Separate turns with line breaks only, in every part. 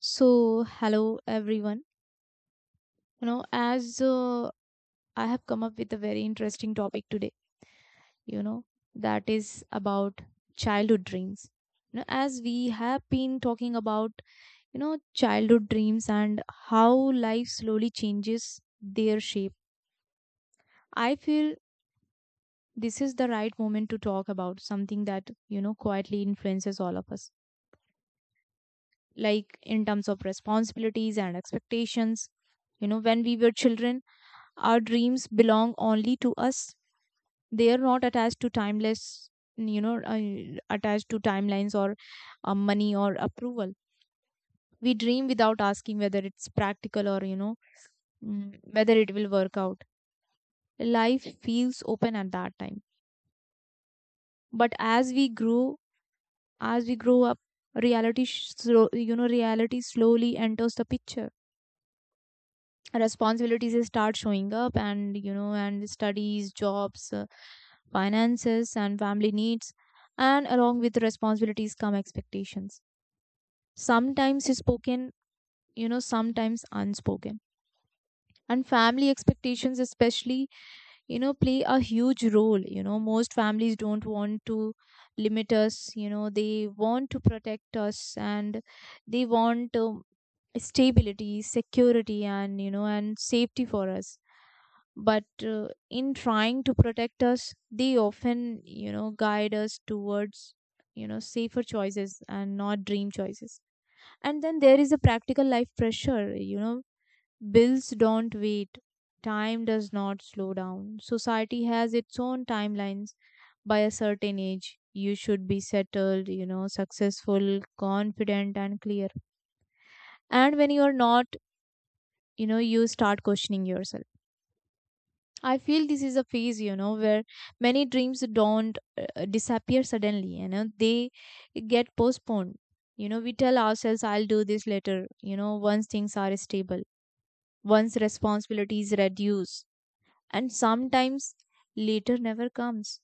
So, hello everyone. You know, as I have come up with a very interesting topic today, you know, that is about childhood dreams. As we have been talking about, childhood dreams and how life slowly changes their shape, I feel this is the right moment to talk about something that, quietly influences all of us, like in terms of responsibilities and expectations. When we were children, our dreams belong only to us. They are not attached to timeless, attached to timelines or money or approval. We dream without asking whether it's practical or whether it will work out. Life feels open at that time. But as we grow up, reality, sh- slow, you know, reality slowly enters the picture. Responsibilities start showing up, and you know and studies, jobs, finances, and family needs. And along with the responsibilities come expectations, sometimes spoken, sometimes unspoken. And family expectations especially, play a huge role. Most families don't want to limit us. They want to protect us, and they want stability, security, and you know and safety for us. But in trying to protect us, they often, guide us towards safer choices and not dream choices. And then there is a practical life pressure. Bills don't wait. Time does not slow down. Society has its own timelines. By a certain age, you should be settled, successful, confident, and clear. And when you are not, you start questioning yourself. I feel this is a phase, where many dreams don't disappear suddenly, they get postponed. We tell ourselves, I'll do this later, once things are stable, once responsibilities reduce. And sometimes later never comes.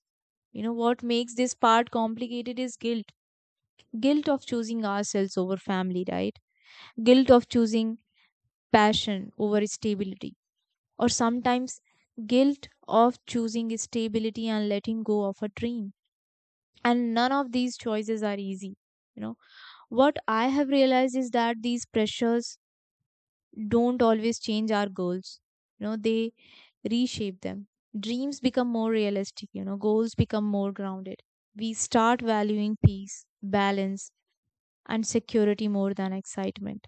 What makes this part complicated is guilt. Guilt of choosing ourselves over family, right? Guilt of choosing passion over stability, or sometimes guilt of choosing stability and letting go of a dream. And none of these choices are easy. You know, what I have realized is that these pressures don't always change our goals, they reshape them. Dreams become more realistic, goals become more grounded. We start valuing peace, balance, and security more than excitement.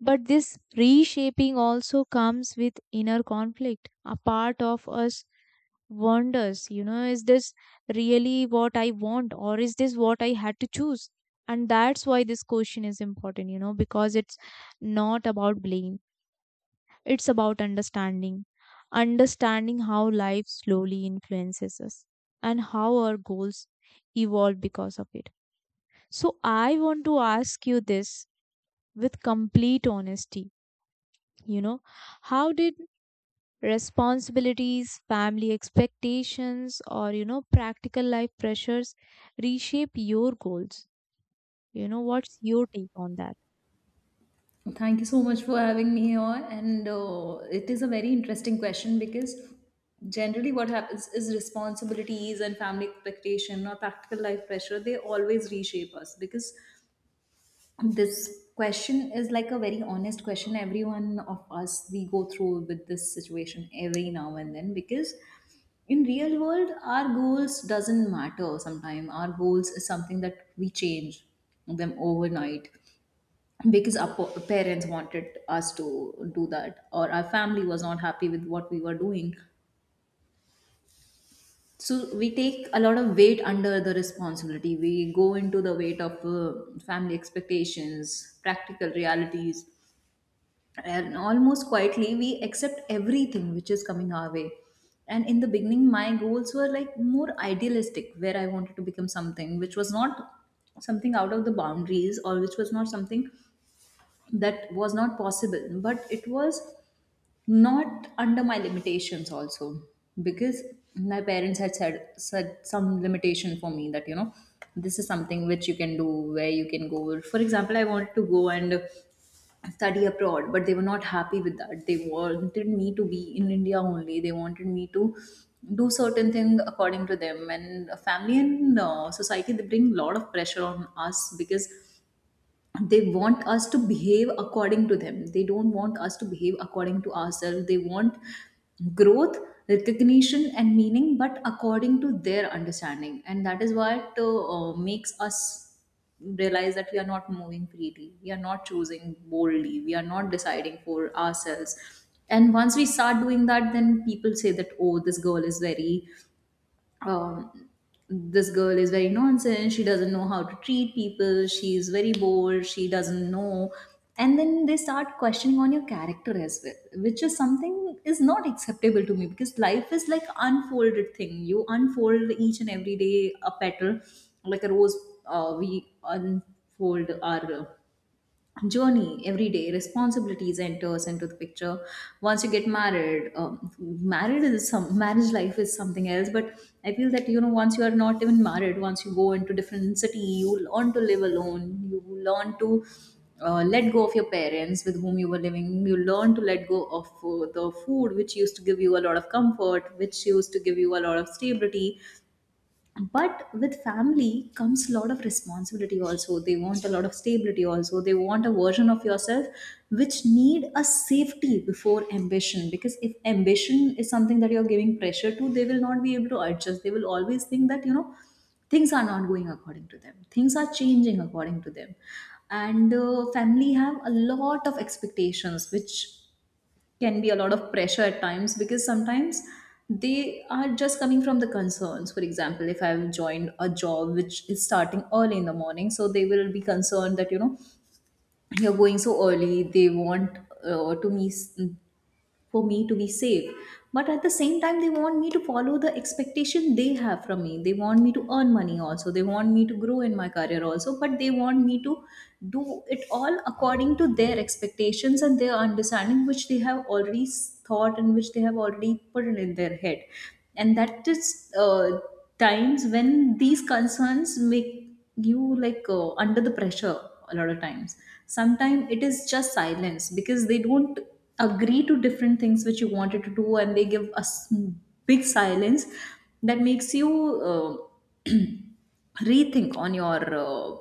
But this reshaping also comes with inner conflict. A part of us wonders, is this really what I want or is this what I had to choose? And that's why this question is important, because it's not about blame; it's about understanding. Understanding how life slowly influences us and how our goals evolve because of it. So, I want to ask you this with complete honesty. You know how did responsibilities, family expectations, or practical life pressures reshape your goals? What's your take on that?
Thank you so much for having me here. And it is a very interesting question, because generally what happens is responsibilities and family expectation or practical life pressure, they always reshape us. Because this question is like a very honest question. Everyone of us, we go through with this situation every now and then, because in real world our goals doesn't matter. Sometimes our goals is something that we change them overnight, because our parents wanted us to do that, or our family was not happy with what we were doing. So we take a lot of weight under the responsibility. We go into the weight of family expectations, practical realities, and almost quietly we accept everything which is coming our way. And in the beginning my goals were like more idealistic, where I wanted to become something which was not something out of the boundaries, or which was not something that was not possible, but it was not under my limitations also. Because my parents had said some limitation for me that, this is something which you can do, where you can go. For example, I wanted to go and study abroad, but they were not happy with that. They wanted me to be in india only. They wanted me to do certain thing according to them, and family and society, they bring a lot of pressure on us. Because they want us to behave according to them, they don't want us to behave according to ourselves. They want growth, recognition and meaning, but according to their understanding. And that is what makes us realize that we are not moving freely, we are not choosing boldly, we are not deciding for ourselves. And once we start doing that, then people say that, oh, um, this girl is very nonsense. She doesn't know how to treat people. She's very bored. She doesn't know. And then they start questioning on your character as well, which is something is not acceptable to me. Because life is like unfolded thing. You unfold each and every day a petal, like a rose. We unfold our journey every day. Responsibilities enters into the picture once you get married. Married is some, marriage life is something else, but I feel that, once you are not even married, once you go into different city, you learn to live alone. You learn to let go of your parents with whom you were living. You learn to let go of the food which used to give you a lot of comfort, which used to give you a lot of stability. But with family comes a lot of responsibility also. They want a lot of stability also. They want a version of yourself which need a safety before ambition. Because if ambition is something that you're giving pressure to, they will not be able to adjust. They will always think that, things are not going according to them, things are changing according to them. And family have a lot of expectations, which can be a lot of pressure at times, because sometimes they are just coming from the concerns. For example, if I've joined a job which is starting early in the morning, so they will be concerned that, you're going so early. They want to me for me to be safe. But at the same time, they want me to follow the expectation they have from me. They want me to earn money also. They want me to grow in my career also. But they want me to do it all according to their expectations and their understanding, which they have already thought, and which they have already put it in their head. And that is times when these concerns make you like under the pressure a lot of times. Sometimes it is just silence, because they don't agree to different things which you wanted to do, and they give us big silence that makes you uh, rethink on your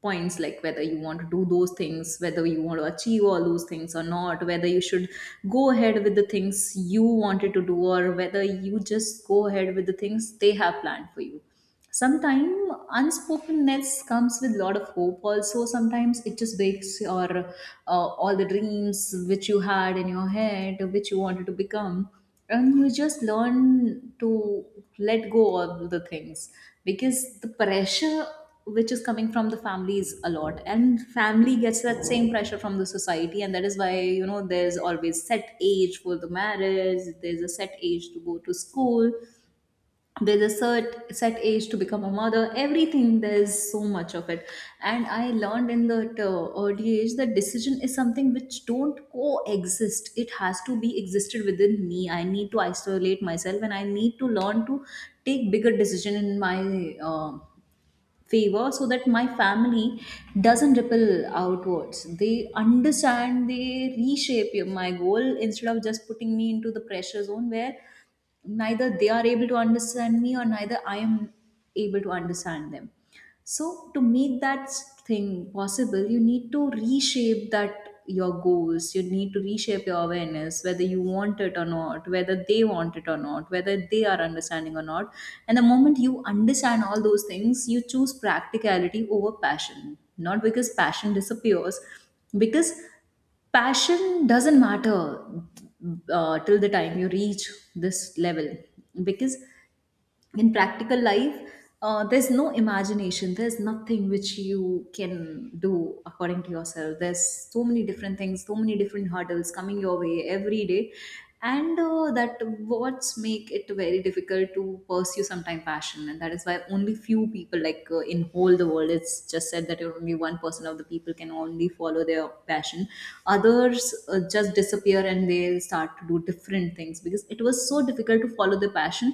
points, like whether you want to do those things, whether you want to achieve all those things or not, whether you should go ahead with the things you wanted to do, or whether you just go ahead with the things they have planned for you. Sometimes unspokenness comes with lot of hope also. Sometimes it just breaks your all the dreams which you had in your head, which you wanted to become. And you just learn to let go of the things, because the pressure which is coming from the family is a lot, and family gets that same pressure from the society. And that is why, there's always set age for the marriage, there's a set age to go to school, there's a set age to become a mother, everything, there's so much of it. And I learned in that early age that decision is something which don't coexist. It has to be existed within me. I need to isolate myself, and I need to learn to take bigger decision in my favor, so that my family doesn't ripple outwards. They understand, they reshape my goal, instead of just putting me into the pressure zone where neither they are able to understand me, or neither I am able to understand them. So, to make that thing possible, you need to reshape that your goals. You need to reshape your awareness, whether you want it or not, whether they want it or not, whether they are understanding or not. And the moment you understand all those things, you choose practicality over passion. Not because passion disappears, because passion doesn't matter till the time you reach this level. Because in practical life, there's no imagination, there's nothing which you can do according to yourself, there's so many different things, so many different hurdles coming your way every day. And that what's make it very difficult to pursue sometime passion. And that is why only few people like, in whole the world it's just said that only 1% of the people can only follow their passion. Others just disappear and they start to do different things, because it was so difficult to follow the passion.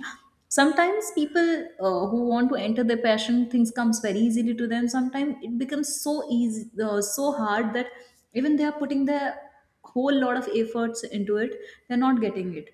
Sometimes people who want to enter their passion, things comes very easily to them. Sometimes it becomes so easy, so hard, that even they are putting their whole lot of efforts into it, they're not getting it.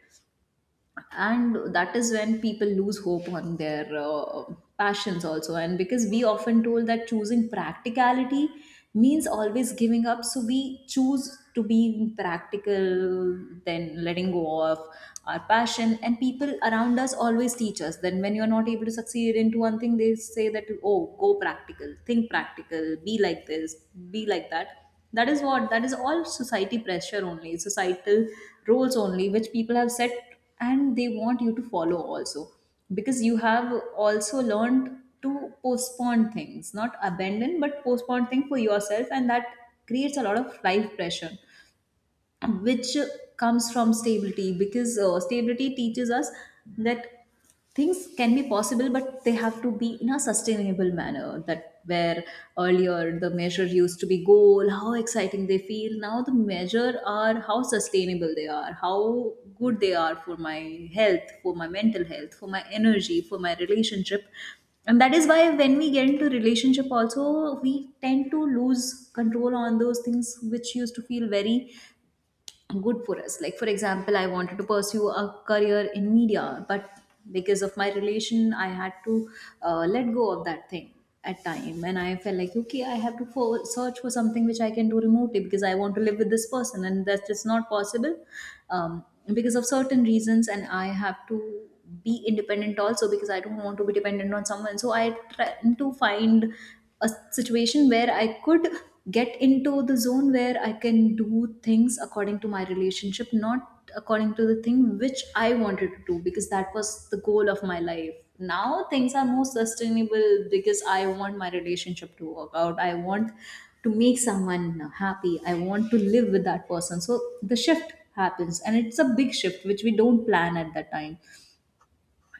And that is when people lose hope on their passions also. And because we often told that choosing practicality means always giving up, so we choose to be practical then letting go of our passion. And people around us always teach us, then when you're not able to succeed into one thing, they say that, oh, go practical, think practical, be like this, be like that. That is what That is all society pressure only, societal roles only, which people have set, and they want you to follow also. Because you have also learned to postpone things, not abandon but postpone things for yourself, and that creates a lot of life pressure, which comes from stability. Because stability teaches us that things can be possible, but they have to be in a sustainable manner. That where earlier the measure used to be goal, how exciting they feel, now the measure are how sustainable they are, how good they are for my health, for my mental health, for my energy, for my relationship. And that is why when we get into relationship also, we tend to lose control on those things which used to feel very good for us. Like, for example, I wanted to pursue a career in media, but because of my relation I had to let go of that thing at time. And I felt like, okay, I have to search for something which I can do remotely, because I want to live with this person, and that's just not possible um, because of certain reasons. And I have to be independent also, because I don't want to be dependent on someone. So I try to find a situation where I could get into the zone where I can do things according to my relationship, not according to the thing which I wanted to do, because that was the goal of my life. Now things are more sustainable, because I want my relationship to work out. I want to make someone happy. I want to live with that person. So the shift happens, and it's a big shift which we don't plan at that time.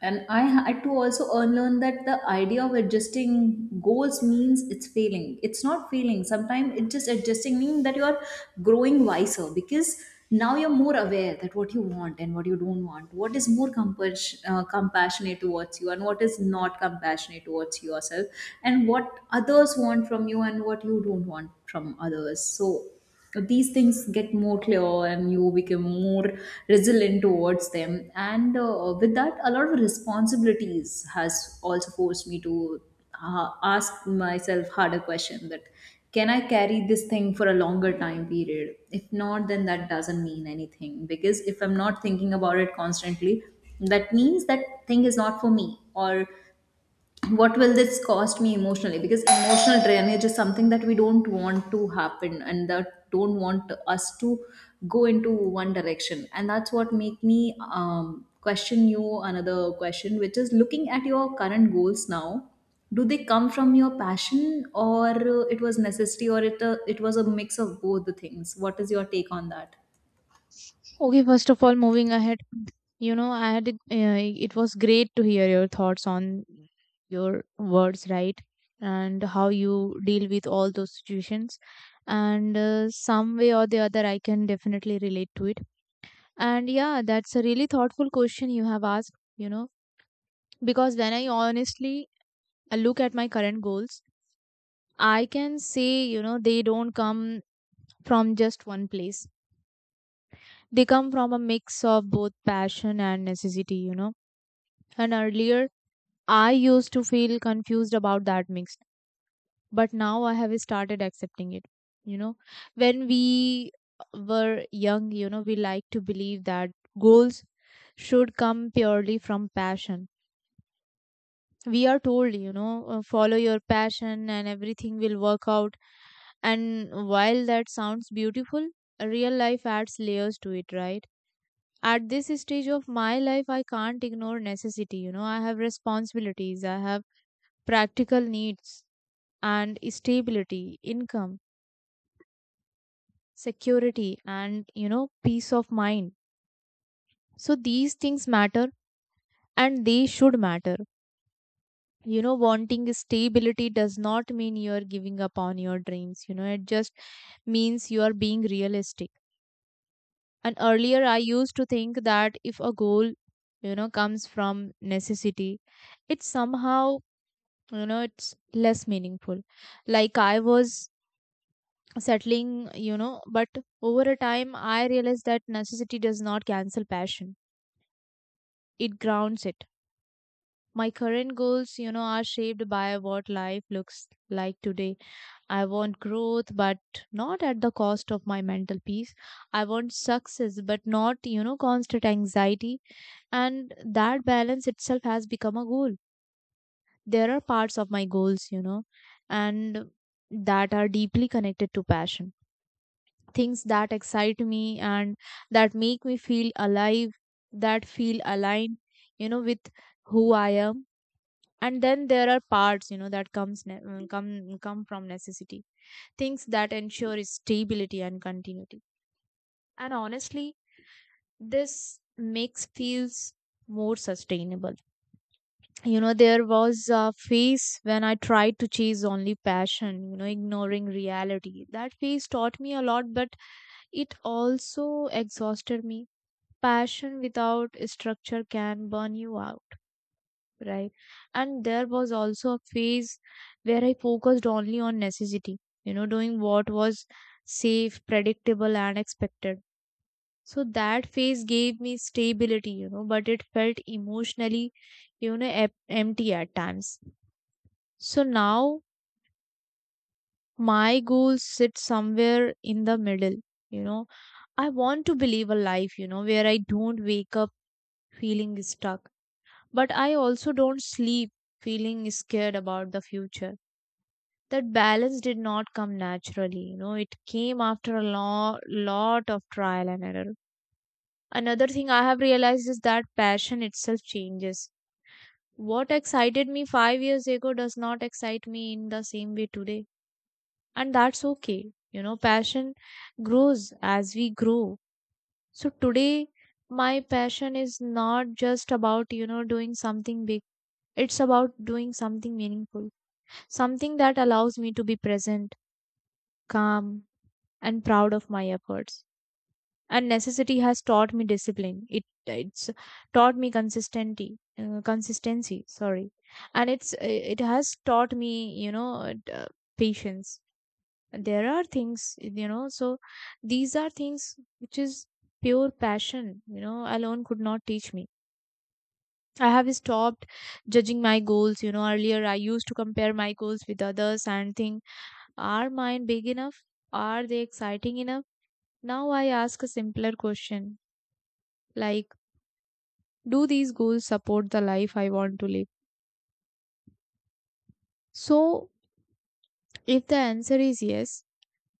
And I had to also unlearn that the idea of adjusting goals means it's failing. It's not failing. Sometimes it just adjusting means that you're growing wiser, because now you're more aware that what you want and what you don't want, what is more compassionate towards you, and what is not compassionate towards yourself, and what others want from you, and what you don't want from others. So these things get more clear, and you become more resilient towards them. And with that, a lot of responsibilities has also forced me to ask myself harder question that, can I carry this thing for a longer time period? If not, then that doesn't mean anything, because if I'm not thinking about it constantly, that means that thing is not for me. Or what will this cost me emotionally? Because emotional drainage is something that we don't want to happen, and that don't want us to go into one direction. And that's what make me question you another question, which is, looking at your current goals now, do they come from your passion, or it was necessity, or it was a mix of both the things? What is your take on that?
Okay, first of all, moving ahead, you know i had it, uh, it was great to hear your thoughts on your words, right? And how you deal with all those situations. And some way or the other, I can definitely relate to it. And yeah, that's a really thoughtful question you have asked, because when I honestly look at my current goals, I can say, they don't come from just one place. They come from a mix of both passion and necessity. And earlier, I used to feel confused about that mix, but now I have started accepting it. You know, when we were young, we like to believe that goals should come purely from passion. We are told, follow your passion and everything will work out. And while that sounds beautiful, real life adds layers to it, right? At this stage of my life, I can't ignore necessity. I have responsibilities. I have practical needs and stability, income, security, and peace of mind. So these things matter, and they should matter. Wanting stability does not mean you are giving up on your dreams. It just means you are being realistic. And earlier, I used to think that if a goal, comes from necessity, it's somehow, it's less meaningful. Like I was settling, but over a time, I realized that necessity does not cancel passion; it grounds it. My current goals, are shaped by what life looks like today. I want growth, but not at the cost of my mental peace. I want success, but not, constant anxiety. And that balance itself has become a goal. There are parts of my goals, you know, and that are deeply connected to passion. Things that excite me and that make me feel alive, that feel aligned, with who I am. And then there are parts, that comes ne- come come from necessity, things that ensure stability and continuity. And honestly, this makes feels more sustainable. There was a phase when I tried to chase only passion, ignoring reality. That phase taught me a lot, but it also exhausted me. Passion without structure can burn you out, right? And there was also a phase where I focused only on necessity, doing what was safe, predictable, and expected. So that phase gave me stability, but it felt emotionally, empty at times. So now my goals sit somewhere in the middle. You know i want to believe a life where I don't wake up feeling stuck, but I also don't sleep feeling scared about the future. That balance did not come naturally. It came after a lot of trial and error. Another thing I have realized is that passion itself changes. What excited me 5 years ago does not excite me in the same way today. And that's okay. Passion grows as we grow. So today, my passion is not just about doing something big. It's about doing something meaningful, something that allows me to be present, calm, and proud of my efforts. And necessity has taught me discipline. It's taught me consistency, consistency. Sorry, and it has taught me patience. There are things, you know. So these are things which is pure passion. You know, alone could not teach me. I have stopped judging my goals. Earlier, I used to compare my goals with others and think, are mine big enough? Are they exciting enough? Now I ask a simpler question, like, do these goals support the life I want to live? So, if the answer is yes,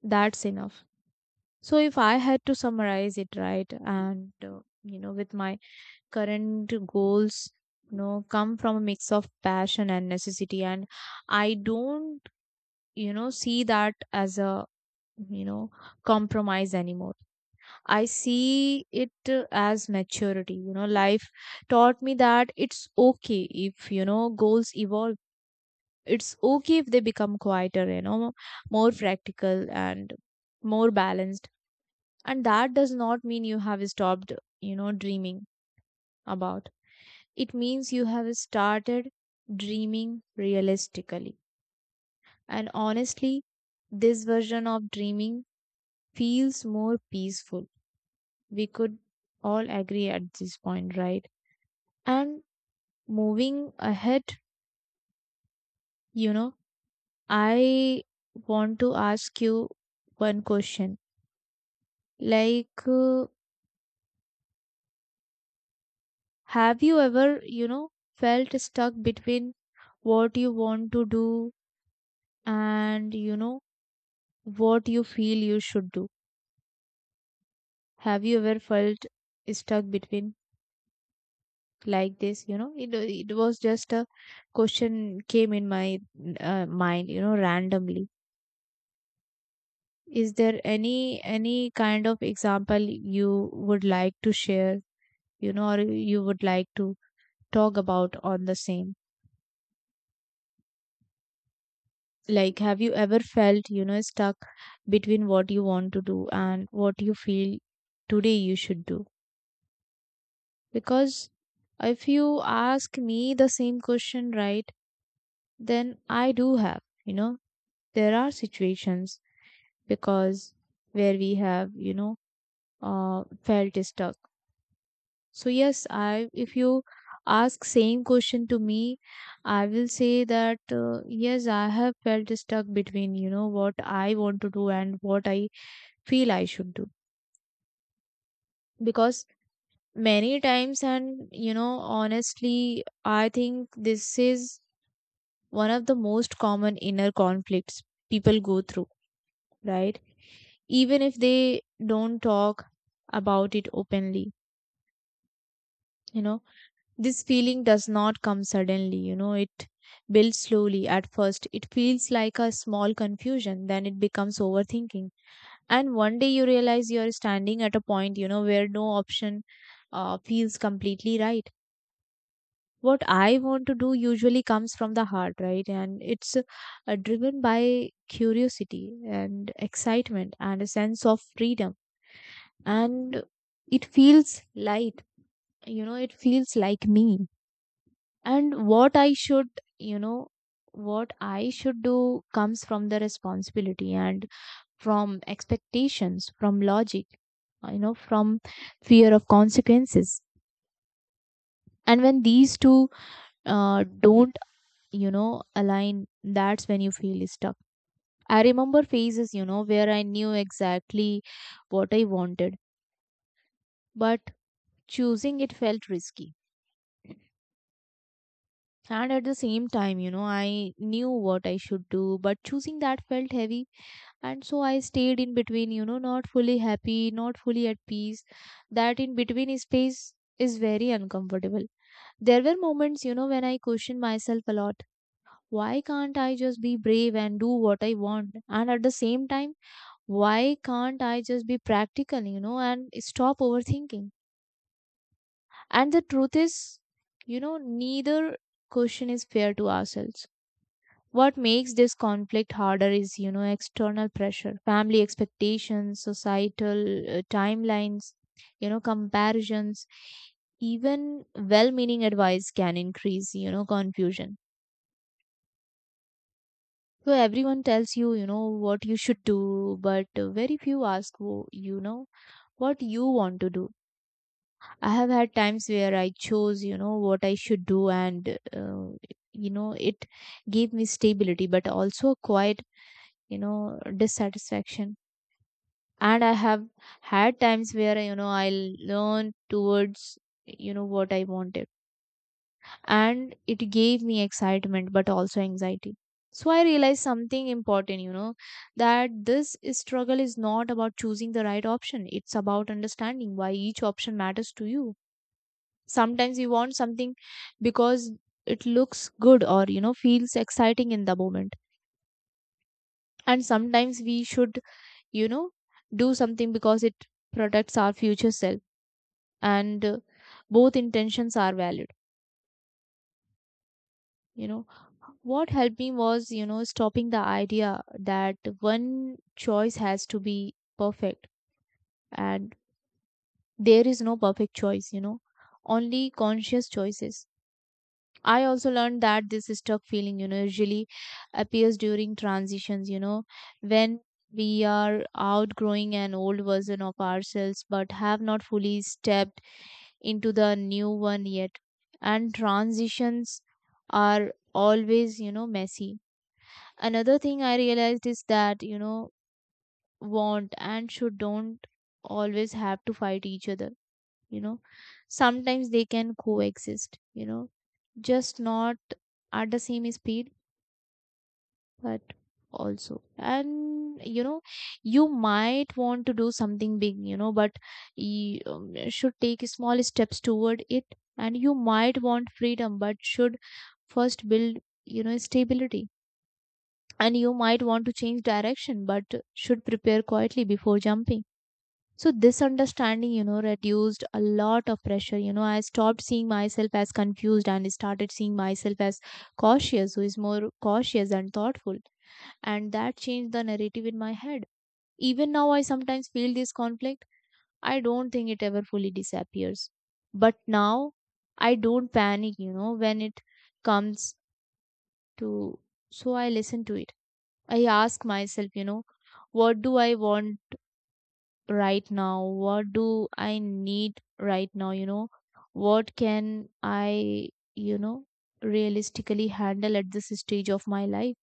that's enough. So, if I had to summarize it, right, and you know, with my current goals, come from a mix of passion and necessity, and I don't, see that as a, you know, compromise anymore. I see it as maturity. Life taught me that it's okay if, goals evolve. It's okay if they become quieter, more practical and more balanced. And that does not mean you have stopped, dreaming about. It means you have started dreaming realistically. And honestly, this version of dreaming feels more peaceful. We could all agree at this point, right? And moving ahead, you know, I want to ask you one question. Like, have you ever, felt stuck between what you want to do and, what you feel you should do? Have you ever felt stuck between like this? It was just a question came in my mind, randomly. Is there any kind of example you would like to share, or you would like to talk about on the same? Like, have you ever felt, stuck between what you want to do and what you feel today you should do? Because if you ask me the same question, right, then I do have, there are situations, because where we have, felt stuck. So yes, I if you ask same question to me, I will say that yes, I have felt stuck between what I want to do and what I feel I should do. Because many times, and you know honestly, I think this is one of the most common inner conflicts people go through, right? Even if they don't talk about it openly, you know This feeling does not come suddenly, it builds slowly. At first, it feels like a small confusion, then it becomes overthinking. And one day you realize you're standing at a point, where no option feels completely right. What I want to do usually comes from the heart, right? And it's driven by curiosity and excitement and a sense of freedom. And it feels light, you know, it feels like me. And what I should you know what I should do comes from the responsibility and from expectations, from logic, you know, from fear of consequences. And when these two don't, you know, align, that's when you feel stuck. I remember phases, you know, where I knew exactly what I wanted, but choosing it felt risky. And at the same time, you know, I knew what I should do, but choosing that felt heavy. And so I stayed in between, you know, not fully happy, not fully at peace. That in between space is very uncomfortable. There were moments, you know, when I questioned myself a lot. Why can't I just be brave and do what I want? And at the same time, why can't I just be practical, you know, and stop overthinking? And the truth is, you know, neither question is fair to ourselves. What makes this conflict harder is, you know, external pressure, family expectations, societal timelines, you know, comparisons, even well meaning advice can increase, you know, confusion. So everyone tells you, you know, what you should do, but very few ask, what you want to do. I have had times where I chose, you know, what I should do, and, you know, it gave me stability, but also a quiet, you know, dissatisfaction. And I have had times where, you know, I learned towards, you know, what I wanted, and it gave me excitement but also anxiety. So I realized something important, you know, that this struggle is not about choosing the right option, it's about understanding why each option matters to you. Sometimes you want something because it looks good or, you know, feels exciting in the moment. And sometimes we should, you know, do something because it protects our future self. And both intentions are valid, you know. What helped me was, you know, stopping the idea that one choice has to be perfect. And there is no perfect choice, you know, only conscious choices. I also learned that this stuck feeling, you know, usually appears during transitions, you know, when we are outgrowing an old version of ourselves but have not fully stepped into the new one yet. And transitions are always, you know, messy. Another thing I realized is that, you know, want and should don't always have to fight each other. You know, sometimes they can coexist, you know, just not at the same speed. But also, and, you know, you might want to do something big, you know, but you should take small steps toward it. And you might want freedom but should first build, you know, stability. And you might want to change direction but should prepare quietly before jumping. So this understanding, you know, reduced a lot of pressure. You know, I stopped seeing myself as confused and started seeing myself as cautious, who is more cautious and thoughtful. And that changed the narrative in my head. Even now, I sometimes feel this conflict. I don't think it ever fully disappears. But now, I don't panic, you know, when it comes to. So I listen to it. I ask myself, you know, what do I want right now? What do I need right now? You know, what can I, you know, realistically handle at this stage of my life?